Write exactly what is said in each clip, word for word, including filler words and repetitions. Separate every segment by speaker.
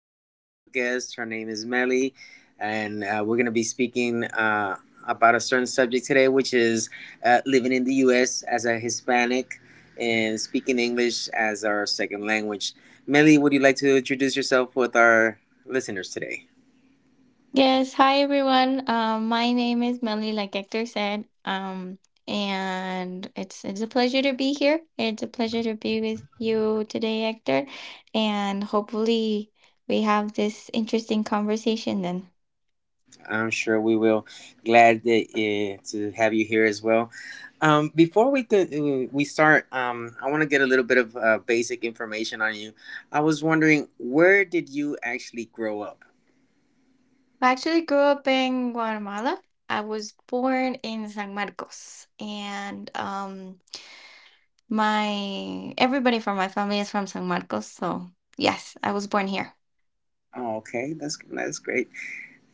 Speaker 1: I have a special guest. Her name is Melly, and uh, we're going to be speaking uh, about a certain subject today, which is uh, living in the U S as a Hispanic and speaking English as our second language. Melly, would you like to introduce yourself with our listeners today?
Speaker 2: Yes, hi everyone. Um, my name is Melanie, like Hector said. Um, and it's it's a pleasure to be here. It's a pleasure to be with you today, Hector. And hopefully we have this interesting conversation then.
Speaker 1: I'm sure we will. Glad that, uh, to have you here as well. Um, before we could, uh, we start, um, I want to get a little bit of uh, basic information on you. I was wondering, where did you actually grow up?
Speaker 2: I actually grew up in Guatemala. I was born in San Marcos, and um, my everybody from my family is from San Marcos. So yes, I was born here.
Speaker 1: Oh, okay, that's that's great.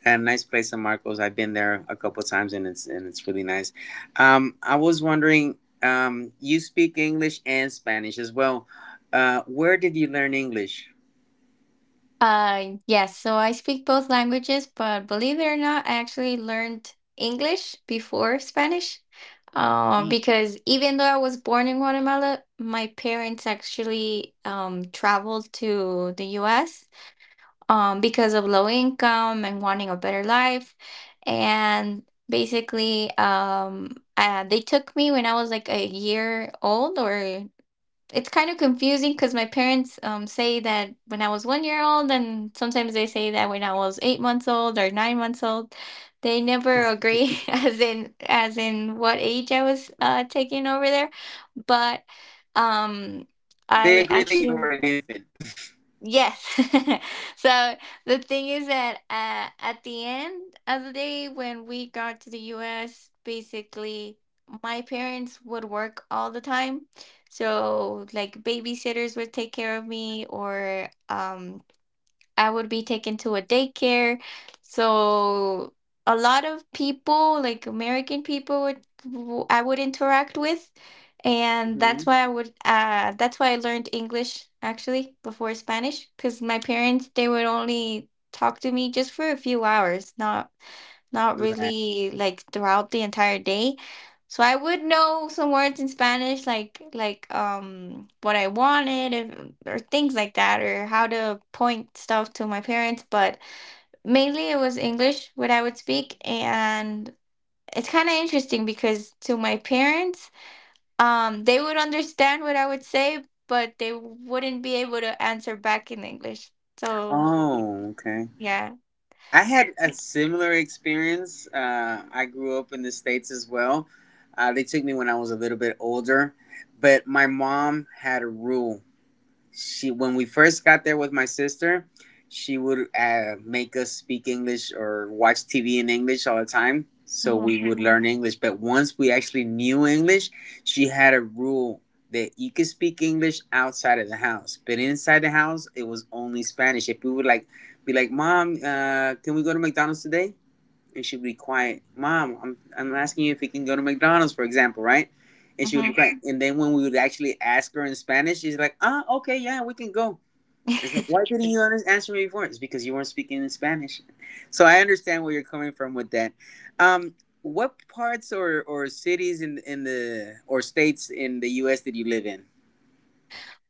Speaker 1: A nice place, San Marcos. I've been there a couple times, and it's and it's really nice. Um, I was wondering, um, you speak English and Spanish as well. Uh, where did you learn English?
Speaker 2: Uh, yes. So I speak both languages, but believe it or not, I actually learned English before Spanish. Uh,
Speaker 1: Mm.
Speaker 2: because even though I was born in Guatemala, my parents actually um traveled to the U S um, because of low income and wanting a better life. And basically, um, uh, they took me when I was like a year old, or it's kind of confusing because my parents um, say that when I was one year old, and sometimes they say that when I was eight months old or nine months old. They never agree as in as in what age I was uh, taken over there, but um,
Speaker 1: They
Speaker 2: I
Speaker 1: agree that you
Speaker 2: actually
Speaker 1: were an infant.
Speaker 2: Yes. So the thing is that uh, at the end of the day, when we got to the U S, basically my parents would work all the time. So like babysitters would take care of me or um I would be taken to a daycare. So a lot of people, like American people, would w- I would interact with, and that's
Speaker 1: hmm
Speaker 2: why I would. Uh, that's why I learned English actually before Spanish, because my parents they would only talk to me just for a few hours, not not
Speaker 1: Right.
Speaker 2: really like throughout the entire day, so I would know some words in Spanish, like like um what I wanted, and or things like that, or how to point stuff to my parents. But mainly it was English what I would speak, and it's kind of interesting because to my parents, um, they would understand what I would say, but they wouldn't be able to answer back in English. So
Speaker 1: Oh, okay.
Speaker 2: yeah.
Speaker 1: I had a similar experience. Uh, I grew up in the States as well. Uh, they took me when I was a little bit older, but my mom had a rule. She When we first got there with my sister, she would uh, make us speak English or watch TV in English all the time, so
Speaker 2: Mhm,
Speaker 1: we would
Speaker 2: mhm,
Speaker 1: learn English. But once we actually knew English, she had a rule that you could speak English outside of the house, but inside the house it was only Spanish. If we would like be like, mom, uh, can we go to McDonald's today? And she would be quiet. Mom, I'm I'm asking you if you can go to McDonald's, for example, right? And she would be
Speaker 2: mhm.
Speaker 1: quiet. And then when we would actually ask her in Spanish, she's like, ah, okay, yeah, we can go. It's like, why didn't you answer me before? It's because you weren't speaking in Spanish. So I understand where you're coming from with that. Um, what parts or, or cities in in the or states in the U S did you live in?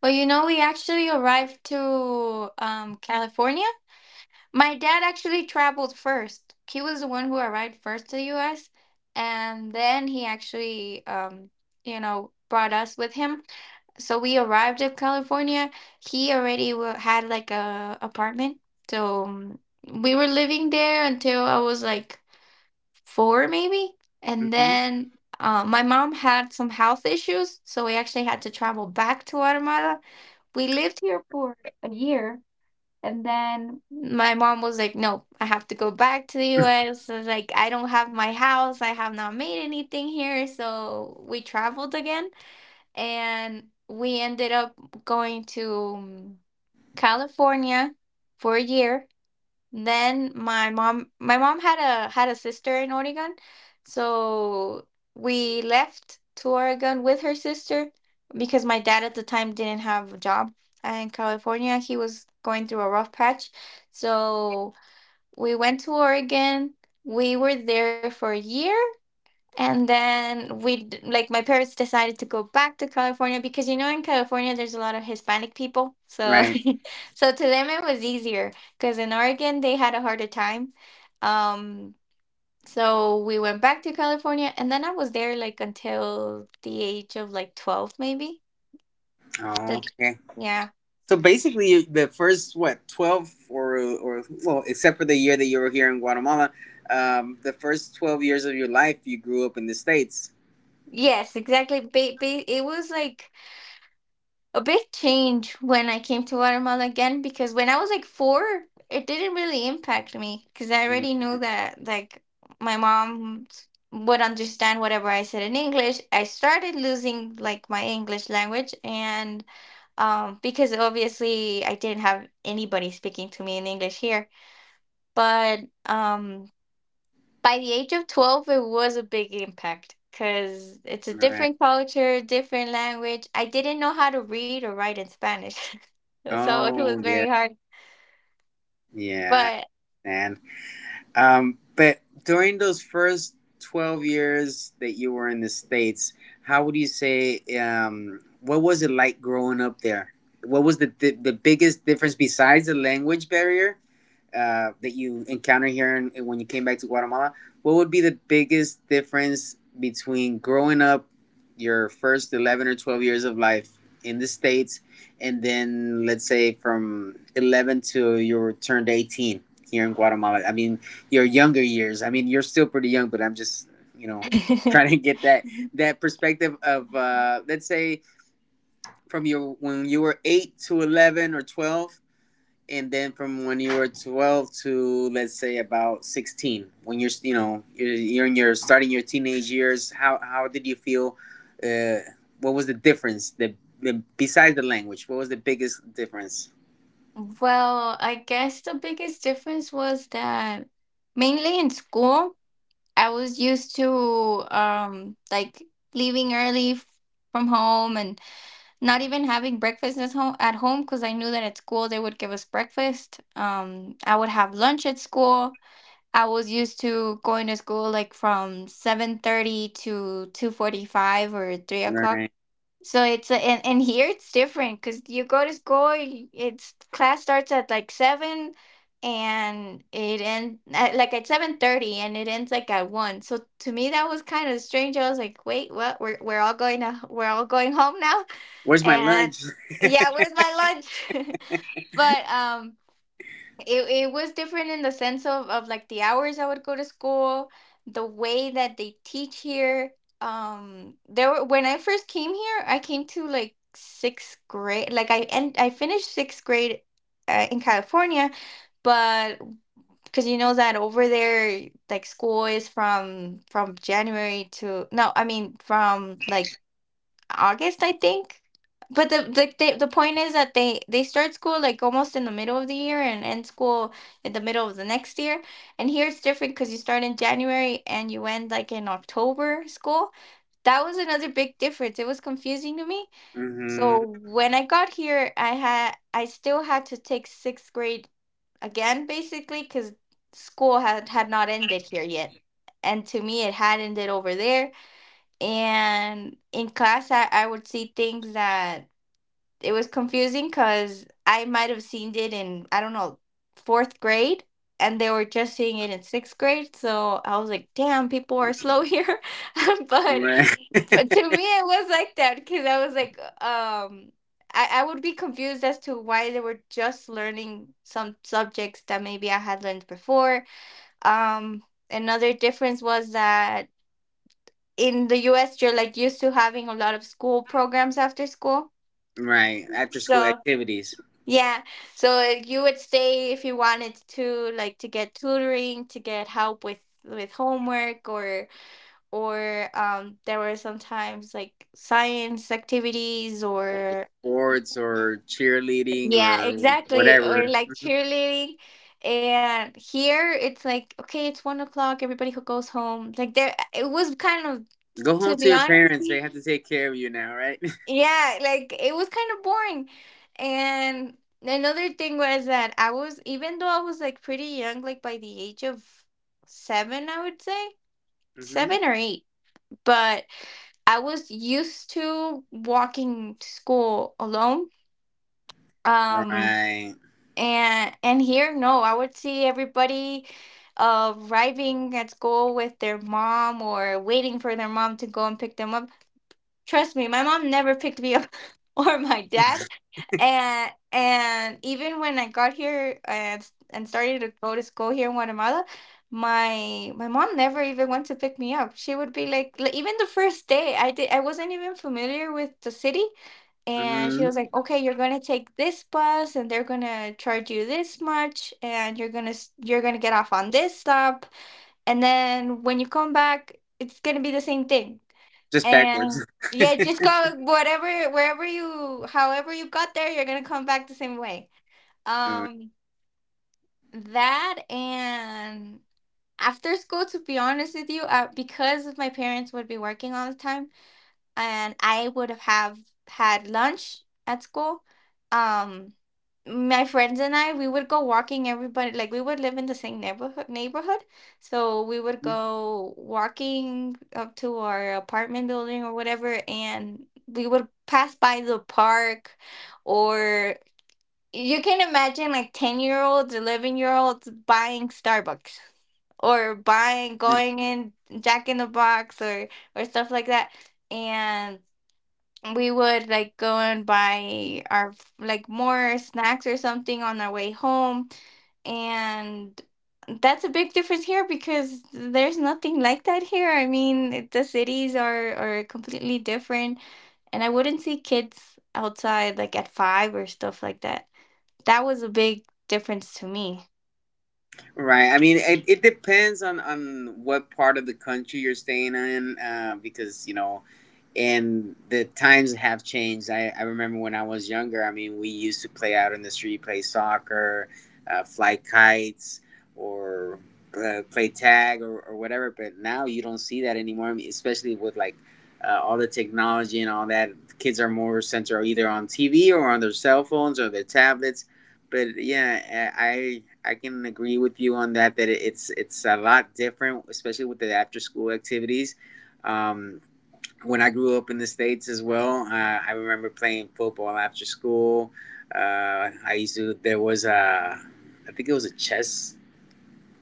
Speaker 2: Well, you know, we actually arrived to um, California. My dad actually traveled first. He was the one who arrived first to the U S, and then he actually, um, you know, brought us with him. So we arrived at California. He already wa had like a apartment, so um, we were living there until I was like four, maybe. And
Speaker 1: hmm
Speaker 2: then uh, my mom had some health issues, so we actually had to travel back to Guatemala. We lived here for a year, and then my mom was like, "No, I have to go back to the U S was like, I don't have my house. I have not made anything here," so we traveled again and we ended up going to um, California for a year. Then my mom my mom had a had a sister in Oregon. So we left to Oregon with her sister because my dad at the time didn't have a job in California. He was going through a rough patch. So we went to Oregon. We were there for a year, and then we d- like my parents decided to go back to California because you know in California there's a lot of Hispanic people. So
Speaker 1: Right.
Speaker 2: so to them it was easier because in Oregon they had a harder time. Um so we went back to California, and then I was there like until the age of like twelve, maybe. So,
Speaker 1: Oh, okay.
Speaker 2: yeah.
Speaker 1: So basically, you- the first what twelve or or well, except for the year that you were here in Guatemala, um, the first twelve years of your life, you grew up in the States.
Speaker 2: Yes, exactly. Ba ba it was like a big change when I came to Guatemala again, because when I was like four, it didn't really impact me because I
Speaker 1: Right.
Speaker 2: already knew that like my mom would understand whatever I said in English. I started losing like my English language and um because obviously I didn't have anybody speaking to me in English here. But um by the age of twelve, it was a big impact because it's a different
Speaker 1: Right.
Speaker 2: culture, different language. I didn't know how to read or write in Spanish. So it was
Speaker 1: Oh
Speaker 2: very
Speaker 1: yeah,
Speaker 2: hard.
Speaker 1: yeah,
Speaker 2: But
Speaker 1: and um, but during those first twelve years that you were in the States, how would you say um, what was it like growing up there? What was the the, the biggest difference besides the language barrier uh, that you encountered here in, when you came back to Guatemala? What would be the biggest difference between growing up your first eleven or twelve years of life in the States, and then, let's say, from eleven to you turned eighteen here in Guatemala? I mean, your younger years. I mean, you're still pretty young, but I'm just, you know, trying to get that that perspective of uh, let's say from your when you were eight to eleven or twelve, and then from when you were twelve to let's say about sixteen, when you're you know you're, you're in your starting your teenage years. how how did you feel? uh, what was the difference, the, the besides the language, what was the biggest difference?
Speaker 2: well, I guess the biggest difference was that mainly in school I was used to um like leaving early f- from home, and not even having breakfast at home at home, because I knew that at school they would give us breakfast. Um, I would have lunch at school. I was used to going to school like from seven thirty to two forty five or three o'clock.
Speaker 1: Right,
Speaker 2: So it's and, and here it's different because you go to school. Y- It's class starts at like seven, and it ends at, like at seven thirty, and it ends like at one. So to me that was kind of strange. I was like, wait, what? We're we're all going to we're all going home now.
Speaker 1: where's my
Speaker 2: And
Speaker 1: lunch?
Speaker 2: yeah, where's my lunch? But um it, it was different in the sense of, of like the hours I would go to school, the way that they teach here. Um there were, when I first came here, I came to like sixth grade, like I and I finished sixth grade uh, in California, but because you know that over there like school is from from January to, no, I mean from like August, I think. But the the they, the point is that they they start school like almost in the middle of the year and end school in the middle of the next year. And here it's different because you start in January and you end like in October school. That was another big difference. It was confusing to me.
Speaker 1: hmm
Speaker 2: So when I got here, I had I still had to take sixth grade again, basically, because school had had not ended here yet. And to me, it had ended over there. And in class I, I would see things that it was confusing because I might have seen it in, I don't know, fourth grade, and they were just seeing it in sixth grade. So I was like, damn, people are slow here. but
Speaker 1: right.
Speaker 2: but to me it was like that because I was like um I, I would be confused as to why they were just learning some subjects that maybe I had learned before. um Another difference was that in the U S you're like used to having a lot of school programs after school.
Speaker 1: Right, after school
Speaker 2: So
Speaker 1: activities,
Speaker 2: yeah, so if you would stay if you wanted to, like to get tutoring, to get help with with homework, or or um there were sometimes like science activities, or
Speaker 1: sports or cheerleading
Speaker 2: yeah,
Speaker 1: or
Speaker 2: exactly. Or
Speaker 1: whatever,
Speaker 2: like cheerleading. And here it's like, okay, it's one o'clock, everybody who goes home. Like there it was kind of,
Speaker 1: go home
Speaker 2: to
Speaker 1: to
Speaker 2: be
Speaker 1: your
Speaker 2: honest,
Speaker 1: parents, they have to take care of you now. Right.
Speaker 2: yeah, like it was kind of boring. And another thing was that I was, even though I was like pretty young, like by the age of seven, I would say
Speaker 1: Mm-hmm.
Speaker 2: seven or eight, but I was used to walking to school alone. Um,
Speaker 1: Right.
Speaker 2: and and here, no, I would see everybody uh, arriving at school with their mom or waiting for their mom to go and pick them up. Trust me, my mom never picked me up or my dad. And and even when I got here and and started to go to school here in Guatemala, my my mom never even went to pick me up. She would be like, like, even the first day, I did I wasn't even familiar with the city, and she
Speaker 1: hmm
Speaker 2: was like, "Okay, you're gonna take this bus, and they're gonna charge you this much, and you're gonna s- you're gonna get off on this stop, and then when you come back, it's gonna be the same thing."
Speaker 1: Just
Speaker 2: And
Speaker 1: backwards.
Speaker 2: yeah, just go whatever, wherever you, however you got there, you're gonna come back the same way.
Speaker 1: All right.
Speaker 2: Um, that and after school, to be honest with you, uh, because my parents would be working all the time, and I would have have had lunch at school. Um, my friends and I, we would go walking. Everybody, like we would live in the same neighborhood. Neighborhood, so we would go walking up to our apartment building or whatever, and we would pass by the park, or you can imagine like ten year olds, eleven year olds buying Starbucks or buying going in Jack in the Box, or or stuff like that. And we would like go and buy our f- like more snacks or something on our way home. And that's a big difference here because there's nothing like that here. I mean, it- the cities are are completely different, and I wouldn't see kids outside like at five or stuff like that. That was a big difference to me.
Speaker 1: Right. I mean, it, it depends on on what part of the country you're staying in, uh, because you know and the times have changed. I, I remember when I was younger, I mean, we used to play out in the street, play soccer, uh, fly kites, or uh, play tag or, or whatever. But now you don't see that anymore, I mean, especially with like uh, all the technology and all that. Kids are more centered either on T V or on their cell phones or their tablets. But yeah, I I can agree with you on that. That it's it's a lot different, especially with the after school activities. Um, when I grew up in the States as well, uh, I remember playing football after school. Uh, I used to, there was a, I think it was a chess,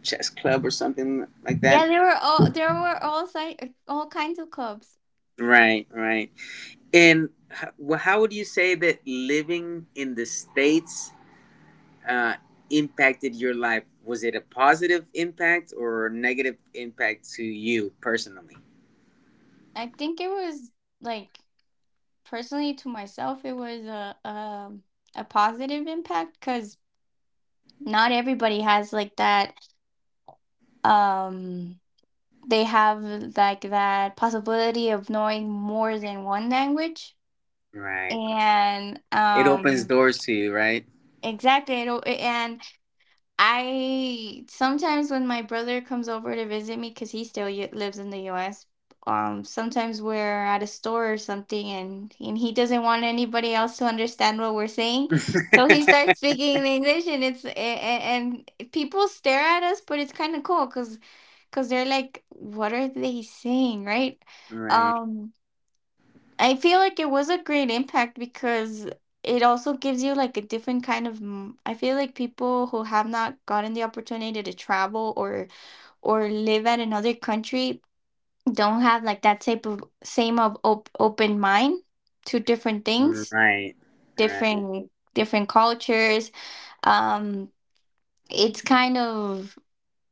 Speaker 1: chess club or something like that.
Speaker 2: Yeah, there were all there were all si- all kinds of clubs.
Speaker 1: Right, right. And how, well, how would you say that living in the States uh, impacted your life? Was it a positive impact or a negative impact to you personally?
Speaker 2: I think it was, like, personally to myself it was a um a positive impact because not everybody has, like, that um they have like that possibility of knowing more than one language.
Speaker 1: Right.
Speaker 2: And
Speaker 1: It opens
Speaker 2: um
Speaker 1: doors to you, right?
Speaker 2: exactly it, al- and I sometimes when my brother comes over to visit me, because he still y- lives in the U S. Um, sometimes we're at a store or something, and and he doesn't want anybody else to understand what we're saying, so he starts speaking in English, and it's and, and people stare at us, but it's kind of cool because because they're like, "What are they saying?" Right?
Speaker 1: Right,
Speaker 2: Um. I feel like it was a great impact because it also gives you, like, a different kind of m- I feel like people who have not gotten the opportunity to travel or or live at another country don't have, like, that type of same of op- open mind to different things,
Speaker 1: right, right.
Speaker 2: different different cultures. Um it's kind of,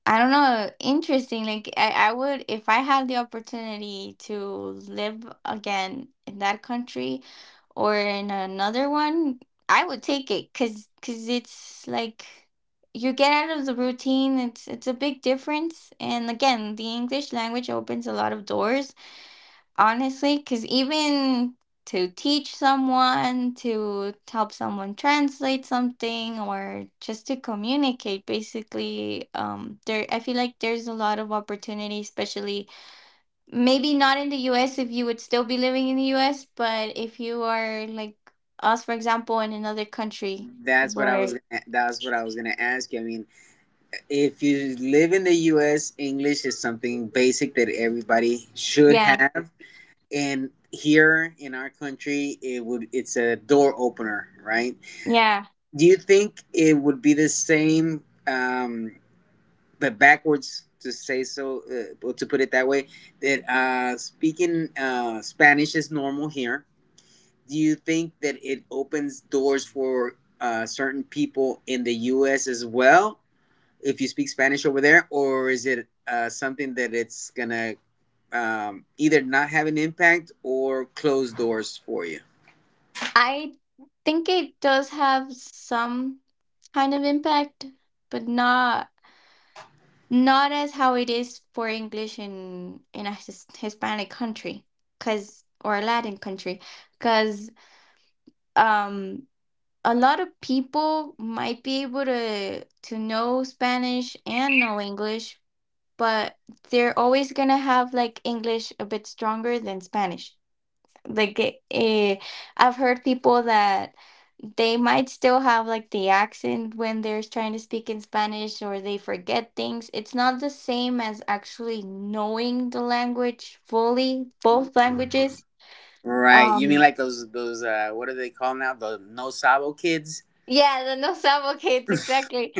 Speaker 2: I don't know, interesting. Like, I, I would, if I had the opportunity to live again in that country or in another one, I would take it, cuz cuz it's like you get out of the routine. It's it's a big difference. And again, the English language opens a lot of doors, honestly, because even to teach someone, to help someone translate something, or just to communicate, basically, um, there I feel like there's a lot of opportunity, especially maybe not in the U S, if you would still be living in the U S, but if you are like us, for example, in another country
Speaker 1: That's what I
Speaker 2: where,
Speaker 1: was gonna, that's what I was gonna ask you. I mean, if you live in the U S, English is something basic that everybody should
Speaker 2: yeah,
Speaker 1: have. And here in our country, it would it's a door opener, right?
Speaker 2: yeah,
Speaker 1: Do you think it would be the same, um, but backwards to say so, uh, or to put it that way, that uh, speaking uh, Spanish is normal here, do you think that it opens doors for uh, certain people in the U S as well if you speak Spanish over there, or is it uh, something that it's gonna um, either not have an impact or close doors for you?
Speaker 2: I think it does have some kind of impact, but not. not as how it is for English in in a his, Hispanic country, cause or a Latin country, cause um a lot of people might be able to to know Spanish and know English, but they're always gonna have, like, English a bit stronger than Spanish. Like it, eh, I've heard people that they might still have, like, the accent when they're trying to speak in Spanish, or they forget things. It's not the same as actually knowing the language fully, both languages.
Speaker 1: Right. You mean
Speaker 2: Um,
Speaker 1: like those those uh what do they call now? The no sabo kids?
Speaker 2: yeah, the no sabo kids, exactly.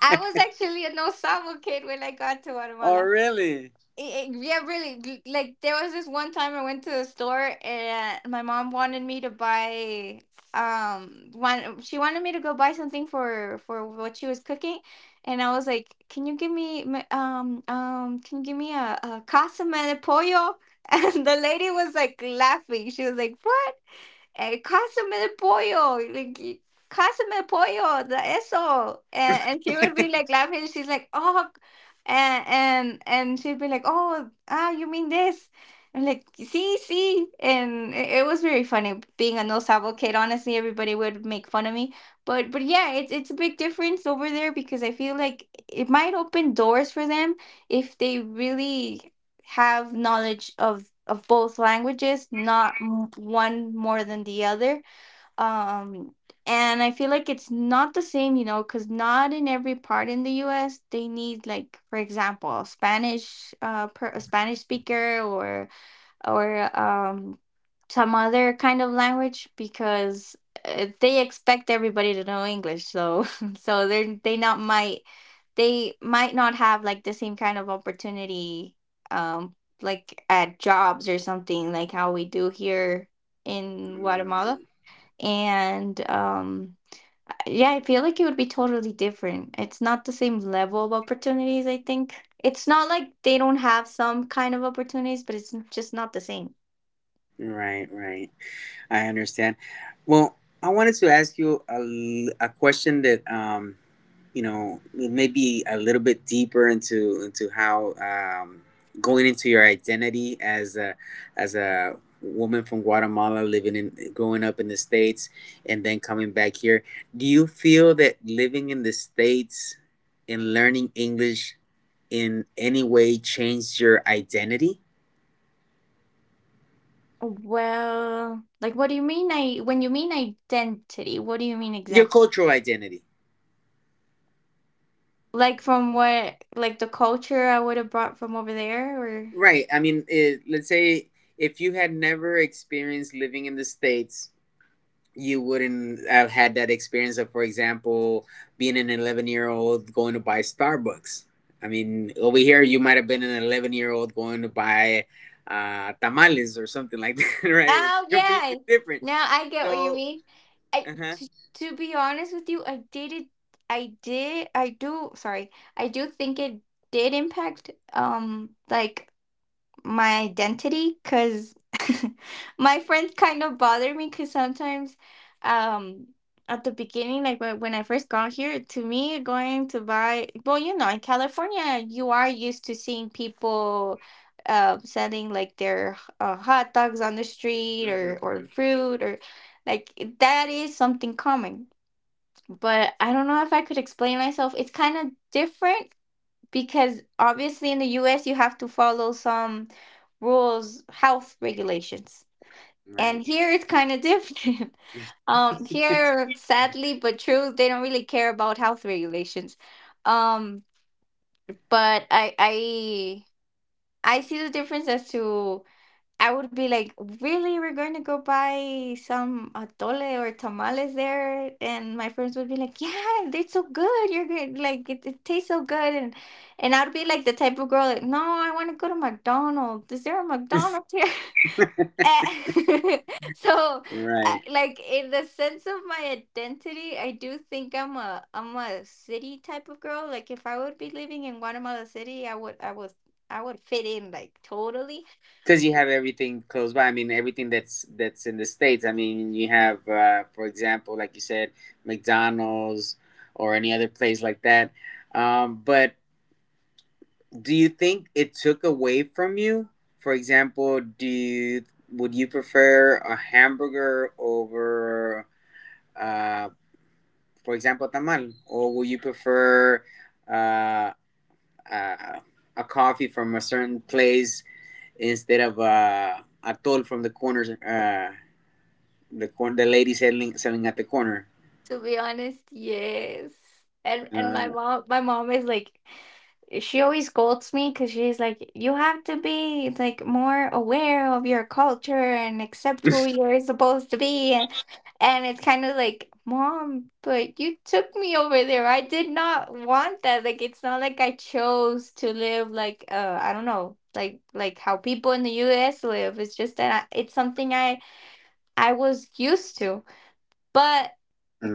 Speaker 2: I was actually a no sabo kid when I got to
Speaker 1: Oh,
Speaker 2: Guatemala.
Speaker 1: really?
Speaker 2: Eh, eh, yeah, really. l- Like, there was this one time I went to the store and my mom wanted me to buy um one she wanted me to go buy something for for what she was cooking, and I was like, "Can you give me my- um um can you give me a, a casa de pollo?" And the lady was like laughing. She was like, "What?" eh, customer pollo, like y- customer pollo, the eso, and, and she would be like laughing. She's like, oh, and and and she'd be like, oh, ah, you mean this? And like, see, see, and it, it was very funny being a no sabo kid. Honestly, everybody would make fun of me, but but yeah, it's it's a big difference over there because I feel like it might open doors for them if they really have knowledge of of both languages, not m- one more than the other. um and I feel like it's not the same, you know, because not in every part in the US they need, like, for example, Spanish, uh per, a Spanish speaker or or um some other kind of language, because uh, they expect everybody to know English. So so they they not might they might not have, like, the same kind of opportunity, um like at jobs or something, like how we do here in Guatemala. And um yeah, I feel like it would be totally different. It's not the same level of opportunities, I think. It's not like they don't have some kind of opportunities, but it's just not the same.
Speaker 1: Right, right. I understand. Well, I wanted to ask you a a question that um you know maybe a little bit deeper into into how um, going into your identity as a as a woman from Guatemala living in growing up in the States and then coming back here, do you feel that living in the States and learning English in any way changed your identity,
Speaker 2: Well, like, what do you mean I when you mean identity, what do you mean
Speaker 1: your
Speaker 2: exactly?
Speaker 1: cultural identity?
Speaker 2: Like, from what, like the culture I would have brought from over there, or—
Speaker 1: Right. I mean eh, let's say if you had never experienced living in the States, you wouldn't have had that experience of, for example, being an eleven year old going to buy Starbucks. I mean, over here, you might have been an eleven year old going to buy uh, tamales or something like that, right? It's
Speaker 2: Oh yeah.
Speaker 1: completely different.
Speaker 2: Now I get what you
Speaker 1: So,
Speaker 2: mean. I
Speaker 1: uh huh.
Speaker 2: to, to be honest with you, I did it I did I do sorry. I do think it did impact um like my identity, because my friends kind of bother me because sometimes um at the beginning, like, when when I first got here, to me going to buy, well, you know, in California you are used to seeing people uh, selling like their uh, hot dogs on the street,
Speaker 1: hmm
Speaker 2: or or fruit, or like that is something common. But I don't know if I could explain myself. It's kind of different because obviously in the U S you have to follow some rules, health regulations.
Speaker 1: Right.
Speaker 2: And here it's kind of different. Um, here, sadly but true, they don't really care about health regulations. Um, but I I I see the difference as to, I would be like, really? We're going to go buy some atole or tamales there? And my friends would be like, yeah, they're so good. You're good. Like, it, it tastes so good. And and I'd be like the type of girl, like, no, I want to go to McDonald's. Is there a McDonald's here? Eh, so, I-
Speaker 1: Right.
Speaker 2: like, in the sense of my identity, I do think I'm a I'm a city type of girl. Like, if I would be living in Guatemala City, I would I was I would fit in, like, totally.
Speaker 1: Because you have everything close by. I mean, everything that's that's in the States. I mean, you have, uh, for example, like you said, McDonald's or any other place like that. Um, but do you think it took away from you? For example, do you, would you prefer a hamburger over, uh, for example, tamal, or would you prefer uh, uh, a coffee from a certain place instead of uh, a toll from the corners? Uh, the corn, the lady selling selling at the corner.
Speaker 2: To be honest, yes. And and my
Speaker 1: Uh,
Speaker 2: mom, my mom is, like, she always scolds me, because she's like, you have to be, like, more aware of your culture and accept who you're supposed to be, and and it's kind of like, Mom, but you took me over there. I did not want that. Like, it's not like I chose to live like uh I don't know, like like how people in the U S live. It's just that I, it's something I I was used to. But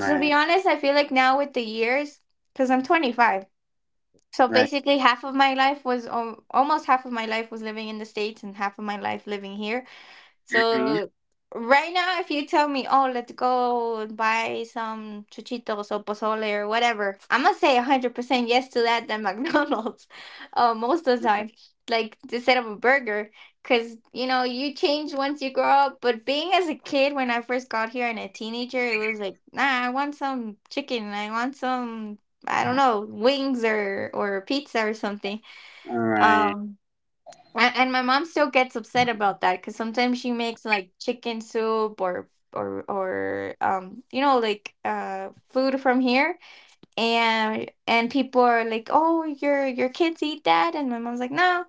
Speaker 2: to be honest, I feel like now with the years, because I'm twenty-five. So
Speaker 1: right.
Speaker 2: basically, half of my life was al- almost half of my life was living in the States, and half of my life living here.
Speaker 1: Mhm.
Speaker 2: So right now, if you tell me, oh, let's go and buy some chuchitos or pozole or whatever, I'm gonna say a hundred percent yes to that than McDonald's uh, most of the time, like instead of a burger. Because, you know, you change once you grow up. But being as a kid, when I first got here and a teenager, it was like, nah, I want some chicken. I want some, I don't know, wings, or or pizza, or something.
Speaker 1: All right.
Speaker 2: Um. And, and my mom still gets upset about that, because sometimes she makes, like, chicken soup, or or or um you know, like uh food from here, and and people are like, oh, your your kids eat that? And my mom's like, no,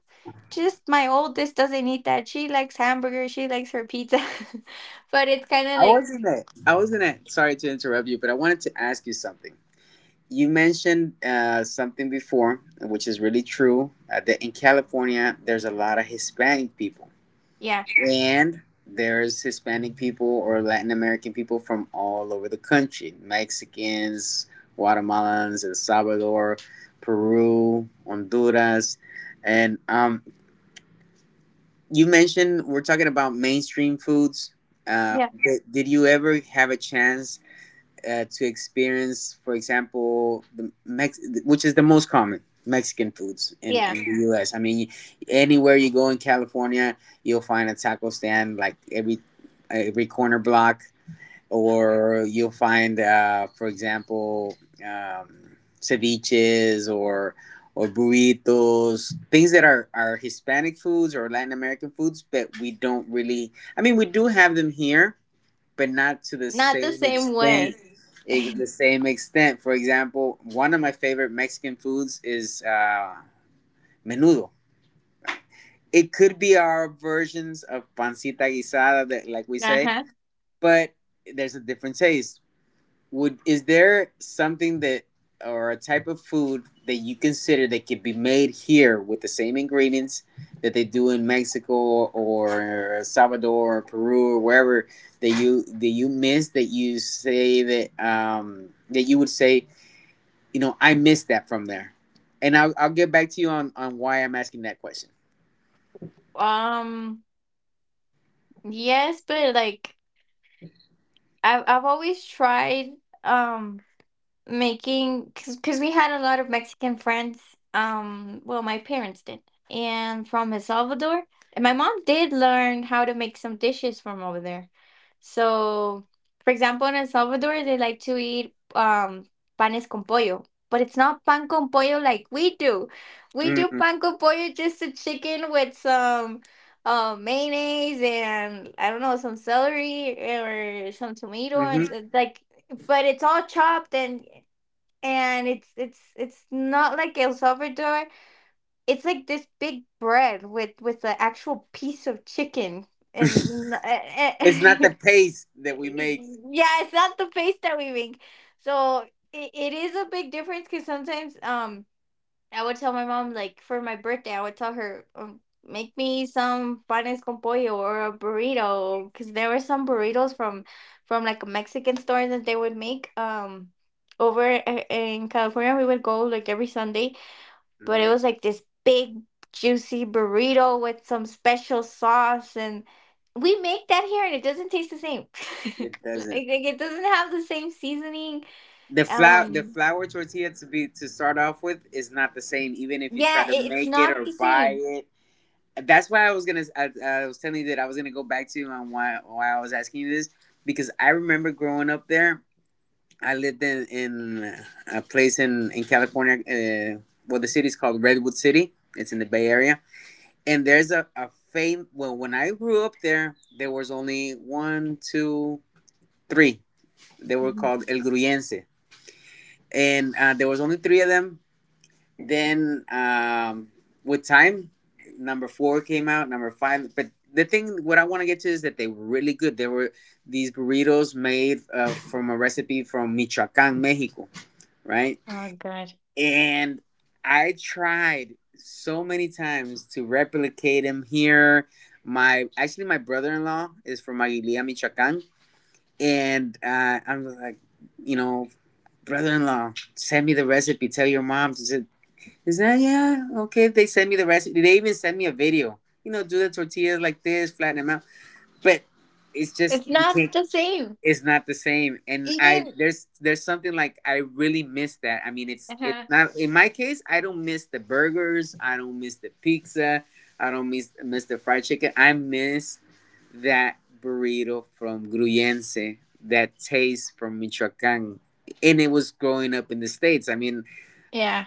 Speaker 2: just my oldest doesn't eat that. She likes hamburger, she likes her pizza. But it's kind of
Speaker 1: I
Speaker 2: like,
Speaker 1: wasn't it. I wasn't it. Sorry to interrupt you, but I wanted to ask you something. You mentioned uh, something before, which is really true. Uh, that in California, there's a lot of Hispanic people,
Speaker 2: yeah,
Speaker 1: and there's Hispanic people or Latin American people from all over the country: Mexicans, Guatemalans, El Salvador, Peru, Honduras, and um, you mentioned we're talking about mainstream foods. Uh,
Speaker 2: yeah,
Speaker 1: did, did you ever have a chance uh, to experience, for example, the Mex- which is the most common Mexican foods in,
Speaker 2: yeah,
Speaker 1: in the U S. I mean, anywhere you go in California, you'll find a taco stand like every every corner block, or you'll find, uh, for example, um, ceviches or or burritos, things that are, are Hispanic foods or Latin American foods, but we don't really. I mean, we do have them here, but not to the
Speaker 2: not the
Speaker 1: same
Speaker 2: same
Speaker 1: extent.
Speaker 2: way.
Speaker 1: eh, The same extent. For example, one of my favorite Mexican foods is uh, menudo. It could be our versions of pancita guisada, that, like we say,
Speaker 2: Uh-huh.
Speaker 1: but there's a different taste. Would is there something that or a type of food that you consider that could be made here with the same ingredients that they do in Mexico or Salvador or Peru or wherever that you that you miss that you say that um that you would say you know I miss that from there, and I'll I'll get back to you on on why I'm asking that question.
Speaker 2: um yes, but, like, I've I've always tried um making, because we had a lot of Mexican friends. Um, well, my parents did, and from El Salvador. And my mom did learn how to make some dishes from over there. So, for example, in El Salvador, they like to eat um panes con pollo, but it's not pan con pollo like we do. We do
Speaker 1: Mm-hmm.
Speaker 2: pan con pollo, just a chicken with some. Uh, mayonnaise and, I don't know, some celery or some tomato and uh, like, but it's all chopped, and and it's it's it's not like El Salvador. It's like this big bread with with an actual piece of chicken and n- eh,
Speaker 1: It's not
Speaker 2: eh,
Speaker 1: the paste that we make.
Speaker 2: yeah, it's not the paste that we make. So it, it is a big difference, because sometimes um I would tell my mom, like for my birthday, I would tell her, um, make me some panes con pollo, or a burrito, because there were some burritos from from like a Mexican store that they would make. Um, over i- in California, we would go like every Sunday, but it
Speaker 1: hmm
Speaker 2: was like this big juicy burrito with some special sauce. And we make that here and it doesn't taste the same. Like,
Speaker 1: It
Speaker 2: like,
Speaker 1: doesn't.
Speaker 2: it doesn't have the same seasoning.
Speaker 1: The flour, the
Speaker 2: Um
Speaker 1: flour tortilla to be to start off with is not the same, even if you try
Speaker 2: yeah,
Speaker 1: to
Speaker 2: it, it's
Speaker 1: make it
Speaker 2: not
Speaker 1: or
Speaker 2: the
Speaker 1: buy
Speaker 2: same.
Speaker 1: it. That's why I was gonna. I, I was telling you that I was gonna go back to you on why why I was asking you this, because I remember growing up there. I lived in in a place in in California. Uh, well, the city's called Redwood City. It's in the Bay Area, and there's a a fame. Well, when I grew up there, there was only one, two, three. They were
Speaker 2: Mhm.
Speaker 1: called El Gruyense, and uh, there was only three of them. Then um, with time, number four came out, number five. But the thing, what I want to get to is that they were really good. There were these burritos made uh, from a recipe from Michoacan, Mexico, right?
Speaker 2: Oh, good.
Speaker 1: And I tried so many times to replicate them here. My actually, my brother-in-law is from Aguililla, Michoacan, and uh, I'm like, you know, brother-in-law, send me the recipe. Tell your mom to is that yeah? Okay, they sent me the recipe. They even sent me a video. You know, do the tortillas like this, flatten them out. But it's just
Speaker 2: It's
Speaker 1: you
Speaker 2: not
Speaker 1: can't.
Speaker 2: the same.
Speaker 1: It's not the same. And I
Speaker 2: Even
Speaker 1: there's there's something like I really miss that. I mean, it's it's
Speaker 2: uh
Speaker 1: not in my case. I don't miss the burgers. I don't miss the pizza. I don't miss miss the fried chicken. I miss that burrito from Gruyense. That taste from Michoacan. And it was growing up in the States. I mean,
Speaker 2: yeah.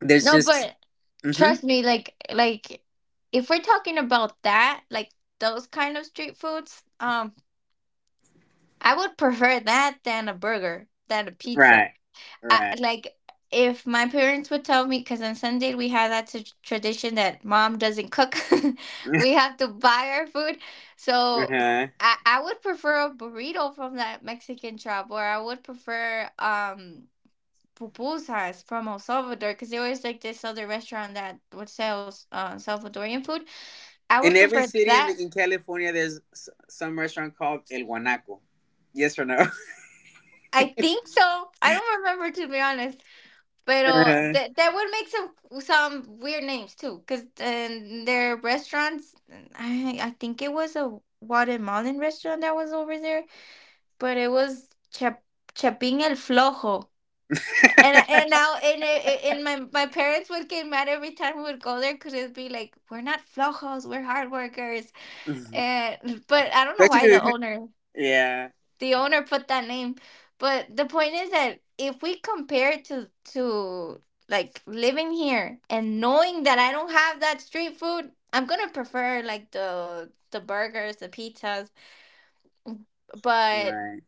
Speaker 1: there's
Speaker 2: No,
Speaker 1: just.
Speaker 2: but
Speaker 1: Mhm.
Speaker 2: trust me, like, like if we're talking about that, like those kind of street foods, um, I would prefer that than a burger, than a pizza.
Speaker 1: Right.
Speaker 2: I,
Speaker 1: Right.
Speaker 2: like, if my parents would tell me, because on Sunday we have that t- tradition that mom doesn't cook, we have to buy our food.
Speaker 1: Uh
Speaker 2: So
Speaker 1: huh.
Speaker 2: I, I would prefer a burrito from that Mexican shop, or I would prefer um pupusas from El Salvador, because there was like this other restaurant that would sell uh, Salvadorian food. I would
Speaker 1: In every
Speaker 2: prefer
Speaker 1: city in,
Speaker 2: that.
Speaker 1: the, in California, there's s- some restaurant called El Guanaco. Yes or no?
Speaker 2: I think so. I don't remember, to be honest, but uh,
Speaker 1: Uh-huh.
Speaker 2: that that would make some some weird names too. Because um, Their restaurants. I I think it was a Guatemalan restaurant that was over there, but it was Chap Chapin el Flojo. And I- and now and it- it- and my my parents would get mad every time we would go there because it'd be like, we're not flojos, we're hard workers. And but I don't know why the
Speaker 1: Especially,
Speaker 2: owner
Speaker 1: yeah.
Speaker 2: the owner put that name. But the point is that if we compare it to to like living here and knowing that I don't have that street food, I'm gonna prefer like the the burgers, the pizzas. But
Speaker 1: Right.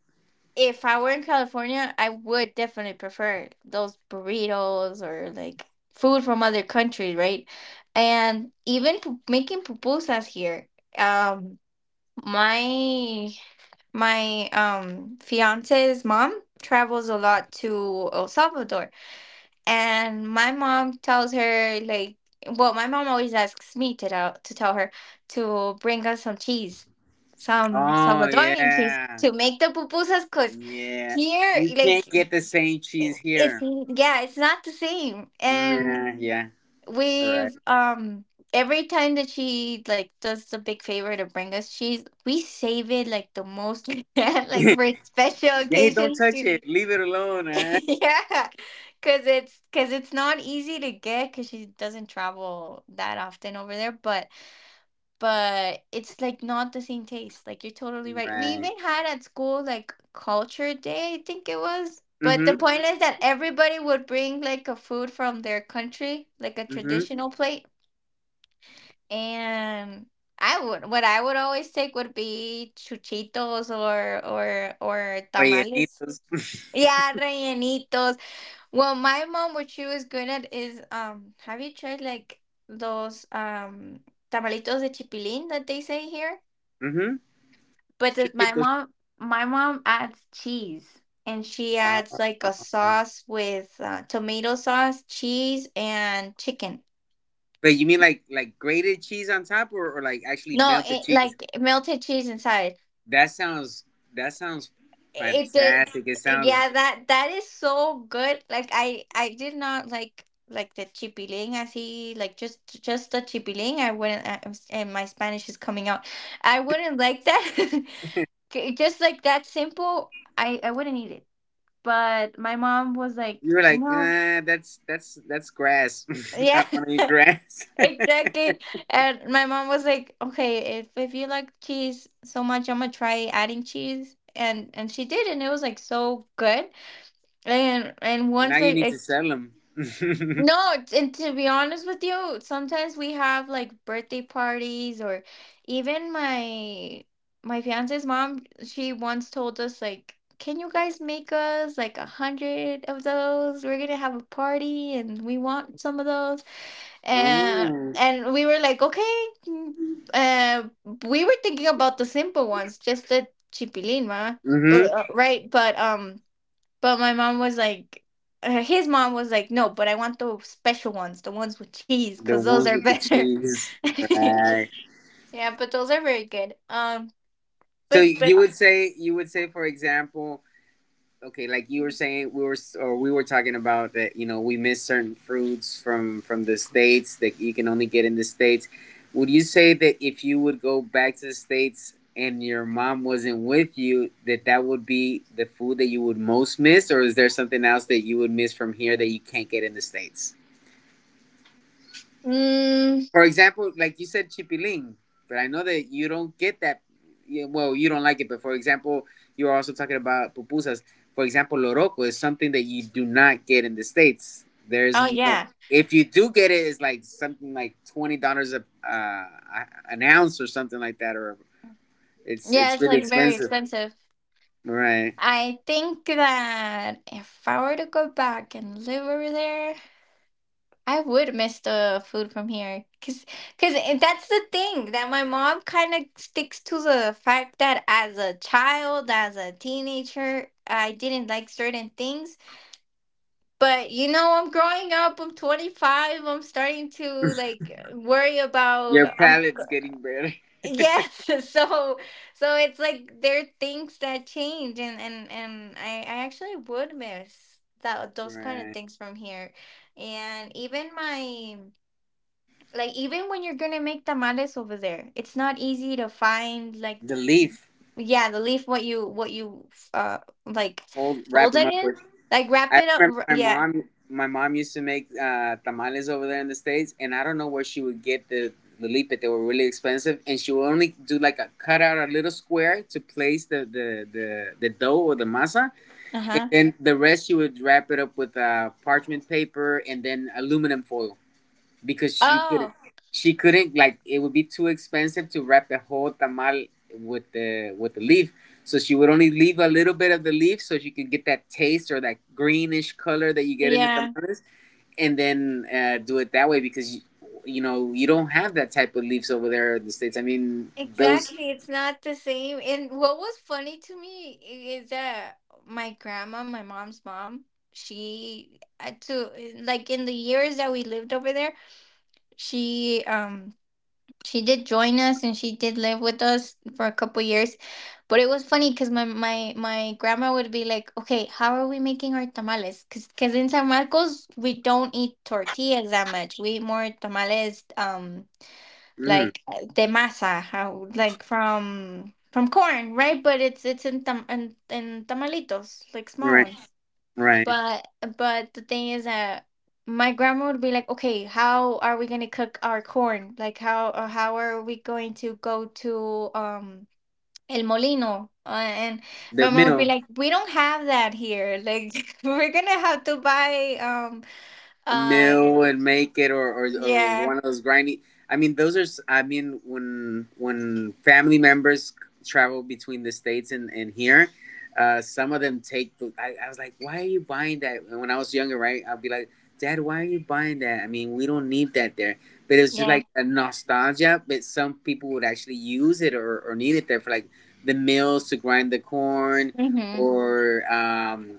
Speaker 2: if I were in California, I would definitely prefer those burritos or like food from other countries, right? And even pu- making pupusas here. Um, my my um fiance's mom travels a lot to El Salvador, and my mom tells her like, well, my mom always asks me to tell to tell her to bring us some cheese, some
Speaker 1: Oh
Speaker 2: Salvadorian cheese
Speaker 1: yeah.
Speaker 2: to make the pupusas, cause
Speaker 1: Yeah.
Speaker 2: here
Speaker 1: You can't
Speaker 2: like
Speaker 1: get the same cheese
Speaker 2: it's,
Speaker 1: here.
Speaker 2: yeah, it's not the same. And
Speaker 1: Nah, yeah. All right.
Speaker 2: we've, um every time that she like does the big favor to bring us cheese, we save it like the most we can, like for special
Speaker 1: Hey, don't
Speaker 2: occasions.
Speaker 1: touch it. Leave it alone. Eh?
Speaker 2: yeah, because it's because it's not easy to get because she doesn't travel that often over there. But but it's like not the same taste. Like, you're totally right. We
Speaker 1: Right.
Speaker 2: even had at school like culture day, I think it was. But the
Speaker 1: Mhm.
Speaker 2: point is that everybody would bring like a food from their country, like a
Speaker 1: Mhm.
Speaker 2: traditional plate. And I would what I would always take would be chuchitos or or or
Speaker 1: Oye,
Speaker 2: tamales.
Speaker 1: nitos.
Speaker 2: Yeah, rellenitos. Well, my mom, what she was good at is, um have you tried like those um tamalitos de chipilín that they say here?
Speaker 1: Mhm.
Speaker 2: But the my
Speaker 1: Chiquitos.
Speaker 2: mom, my mom adds cheese, and she adds like a
Speaker 1: Oh.
Speaker 2: sauce with uh, tomato sauce, cheese, and chicken.
Speaker 1: But you mean like like grated cheese on top, or, or like actually
Speaker 2: No,
Speaker 1: melted
Speaker 2: it,
Speaker 1: cheese?
Speaker 2: like, melted cheese inside.
Speaker 1: That sounds that sounds
Speaker 2: It did,
Speaker 1: fantastic. It sounds
Speaker 2: yeah, that that is so good. Like, I I did not like, like, the chipiling. I see, like, just just the chipilín, I wouldn't, I I'm s-, and my Spanish is coming out. I wouldn't like that. K just like that simple, I I wouldn't eat it. But my mom was like,
Speaker 1: you were like,
Speaker 2: "No."
Speaker 1: uh, that's that's that's grass. I
Speaker 2: Yeah,
Speaker 1: don't want to eat grass.
Speaker 2: exactly. And my mom was like, "Okay, if if you like cheese so much, I'm gonna try adding cheese." And and she did, and it was like so good. And and
Speaker 1: Now
Speaker 2: once
Speaker 1: you
Speaker 2: I,
Speaker 1: need
Speaker 2: I
Speaker 1: to sell them.
Speaker 2: no, t- and to be honest with you, sometimes we have like birthday parties or even my my fiance's mom, she once told us like, "Can you guys make us like a hundred of those? We're gonna have a party and we want some of those." And
Speaker 1: Oh,
Speaker 2: and we were like, "Okay." mm." Uh, we were thinking about the simple ones, just the chipilín, ma, uh,
Speaker 1: mm-hmm.
Speaker 2: uh, right? But um. But my mom was like, uh, his mom was like, no, but I want the special ones, the ones with cheese,
Speaker 1: The
Speaker 2: cause those
Speaker 1: ones
Speaker 2: are
Speaker 1: with the
Speaker 2: better.
Speaker 1: cheese, right?
Speaker 2: yeah, but those are very good. Um,
Speaker 1: So
Speaker 2: but but
Speaker 1: you would say you would say, for example, okay, like you were saying we were or we were talking about that, you know, we miss certain fruits from from the States that you can only get in the States. Would you say that if you would go back to the States and your mom wasn't with you, that that would be the food that you would most miss, or is there something else that you would miss from here that you can't get in the States?
Speaker 2: mm,
Speaker 1: For example, like you said, chipilín, but I know that you don't get that. Yeah, well, you don't like it, but for example, you were also talking about pupusas. For example, loroco is something that you do not get in the States. There's
Speaker 2: oh
Speaker 1: no.
Speaker 2: yeah,
Speaker 1: If you do get it, it's like something like twenty dollars a uh, an ounce or something like that, or it's
Speaker 2: yeah,
Speaker 1: it's
Speaker 2: it's
Speaker 1: really
Speaker 2: like very
Speaker 1: expensive.
Speaker 2: expensive.
Speaker 1: Right,
Speaker 2: I think that if I were to go back and live over there, I would miss the food from here, cuz cuz that's the thing that my mom kind of sticks to, the fact that as a child, as a teenager, I didn't like certain things, but you know, I'm growing up, I'm twenty-five, I'm starting to like worry about,
Speaker 1: your
Speaker 2: I'm,
Speaker 1: palate's getting better.
Speaker 2: yes, so so it's like there are things that change, and and and I I actually would miss that those kind of
Speaker 1: Right,
Speaker 2: things from here. And even my, like, even when you're gonna make tamales over there, it's not easy to find, like,
Speaker 1: the leaf.
Speaker 2: yeah, the leaf, what you what you uh like
Speaker 1: Hold, wrap
Speaker 2: fold
Speaker 1: them
Speaker 2: it
Speaker 1: up
Speaker 2: in,
Speaker 1: with
Speaker 2: like wrap
Speaker 1: I
Speaker 2: it up.
Speaker 1: remember
Speaker 2: wra-
Speaker 1: my
Speaker 2: Yeah.
Speaker 1: mom. My mom used to make uh, tamales over there in the States, and I don't know where she would get the the lipe. They were really expensive, and she would only do like a cut out a little square to place the the the, the dough or the masa, and
Speaker 2: Uh-huh.
Speaker 1: then the rest she would wrap it up with uh, parchment paper and then aluminum foil because she couldn't
Speaker 2: Oh,
Speaker 1: she couldn't like it would be too expensive to wrap the whole tamal with the with the leaf, so she would only leave a little bit of the leaf so she could get that taste or that greenish color that you get in the
Speaker 2: yeah.
Speaker 1: tamales, and then uh, do it that way because you, you know, you don't have that type of leaves over there in the States. I mean those
Speaker 2: Exactly. It's not the same. And what was funny to me i- is that my grandma, my mom's mom, she had to, uh, like in the years that we lived over there, she, um she did join us, and she did live with us for a couple years. But it was funny because my, my my grandma would be like, "Okay, how are we making our tamales? Because because in San Marcos we don't eat tortillas that much. We eat more tamales, um,
Speaker 1: mm,
Speaker 2: like uh, de masa, how, like, from from corn, right? But it's, it's in tam in, in tamalitos, like small
Speaker 1: right
Speaker 2: ones.
Speaker 1: right
Speaker 2: But but the thing is that my grandma would be like, "Okay, how are we gonna cook our corn? Like, how, or how are we going to go to, um?" El Molino. Uh, and
Speaker 1: the
Speaker 2: my mom would be
Speaker 1: mill
Speaker 2: like, "We don't have that here. Like, we're gonna have to buy." Um.
Speaker 1: a
Speaker 2: Uh.
Speaker 1: mill would make it or, or or
Speaker 2: Yeah.
Speaker 1: one of those grindy, I mean those are s- I mean when when family members travel between the States and and here, uh some of them take the, I, I was like, why are you buying that? And when I was younger, right, I'd be like, Dad, why are you buying that? I mean, we don't need that there. But it was just
Speaker 2: Yeah.
Speaker 1: like a nostalgia, but some people would actually use it or, or need it there for like the mills to grind the corn
Speaker 2: Mm-hmm.
Speaker 1: or um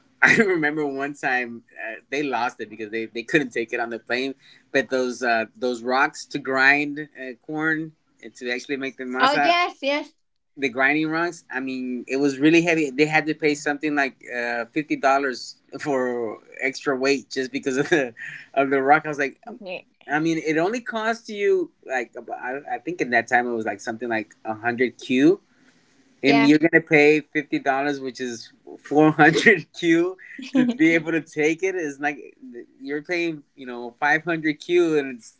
Speaker 1: I remember one time uh, they lost it because they, they couldn't take it on the plane. But those uh, those rocks to grind uh, corn and to actually make the
Speaker 2: Oh,
Speaker 1: masa,
Speaker 2: yes, yes.
Speaker 1: the grinding rocks. I mean, it was really heavy. They had to pay something like uh, fifty dollars for extra weight just because of the of the rock. I was like,
Speaker 2: Okay.
Speaker 1: I mean, it only cost you like about, I, I think in that time it was like something like a hundred Q, and
Speaker 2: Yeah.
Speaker 1: you're gonna pay fifty dollars, which is four hundred Q, to be able to take it. It's like you're paying, you know, five hundred Q, and it's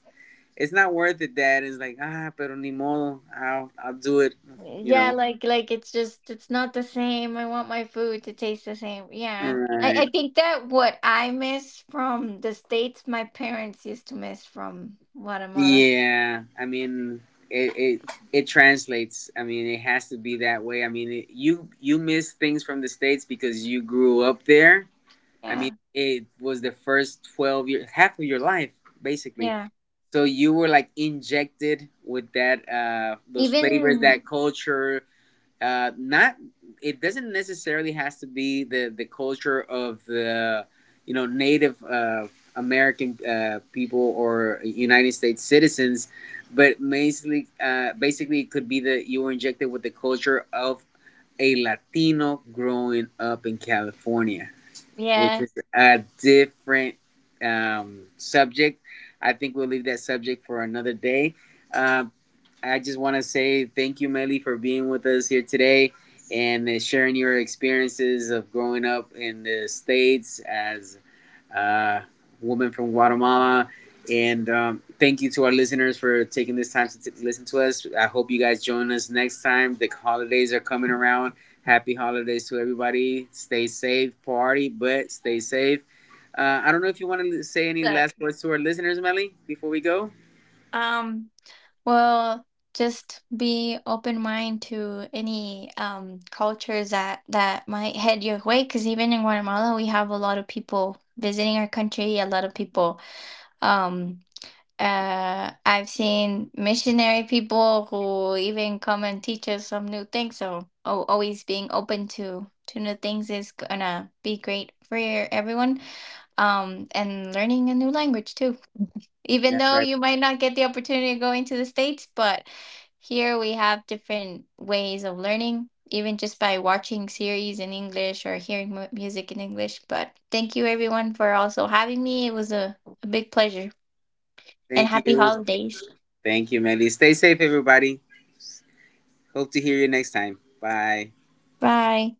Speaker 1: it's not worth it, Dad. It's like ah, pero ni modo, I'll I'll do it, you
Speaker 2: yeah.
Speaker 1: know.
Speaker 2: Like, like it's just, it's not the same. I want my food to taste the same. Yeah. I
Speaker 1: Right?
Speaker 2: I think that what I miss from the States, my parents used to miss from Guatemala.
Speaker 1: Yeah. I mean, it it it translates. I mean, it has to be that way. I mean, it, you you miss things from the States because you grew up there. I mean,
Speaker 2: Yeah.
Speaker 1: it was the first twelve years, half of your life, basically.
Speaker 2: Yeah.
Speaker 1: So you were like injected with that uh those flavors,
Speaker 2: Even,
Speaker 1: that culture. Uh not it doesn't necessarily has to be the the culture of the, you know, native uh American uh people or United States citizens, but basically uh basically it could be that you were injected with the culture of a Latino growing up in California, which
Speaker 2: yeah.
Speaker 1: is a different um, subject. I think we'll leave that subject for another day. Uh, I just want to say thank you, Melly, for being with us here today, and uh, sharing your experiences of growing up in the States as uh, woman from Guatemala. And um, thank you to our listeners for taking this time to t- listen to us. I hope you guys join us next time. The holidays are coming around. Happy holidays to everybody. Stay safe, party, but stay safe. Uh, I don't know if you want to say any
Speaker 2: So,
Speaker 1: last words to our listeners, Melly, before we go.
Speaker 2: um. Well, just be open mind to any um, cultures that that might head your way. Because even in Guatemala, we have a lot of people visiting our country. A lot of people. Um, uh, I've seen missionary people who even come and teach us some new things. So, oh, always being open to to new things is gonna be great for everyone. Um, and learning a new language too, even
Speaker 1: That's
Speaker 2: though
Speaker 1: right.
Speaker 2: you might not get the opportunity of going to the States, but here we have different ways of learning, even just by watching series in English or hearing mu- music in English. But thank you everyone for also having me. It was a, a big pleasure and
Speaker 1: Thank
Speaker 2: happy
Speaker 1: you.
Speaker 2: holidays.
Speaker 1: Thank you, Melly. Stay safe, everybody. Hope to hear you next time. Bye.
Speaker 2: Bye.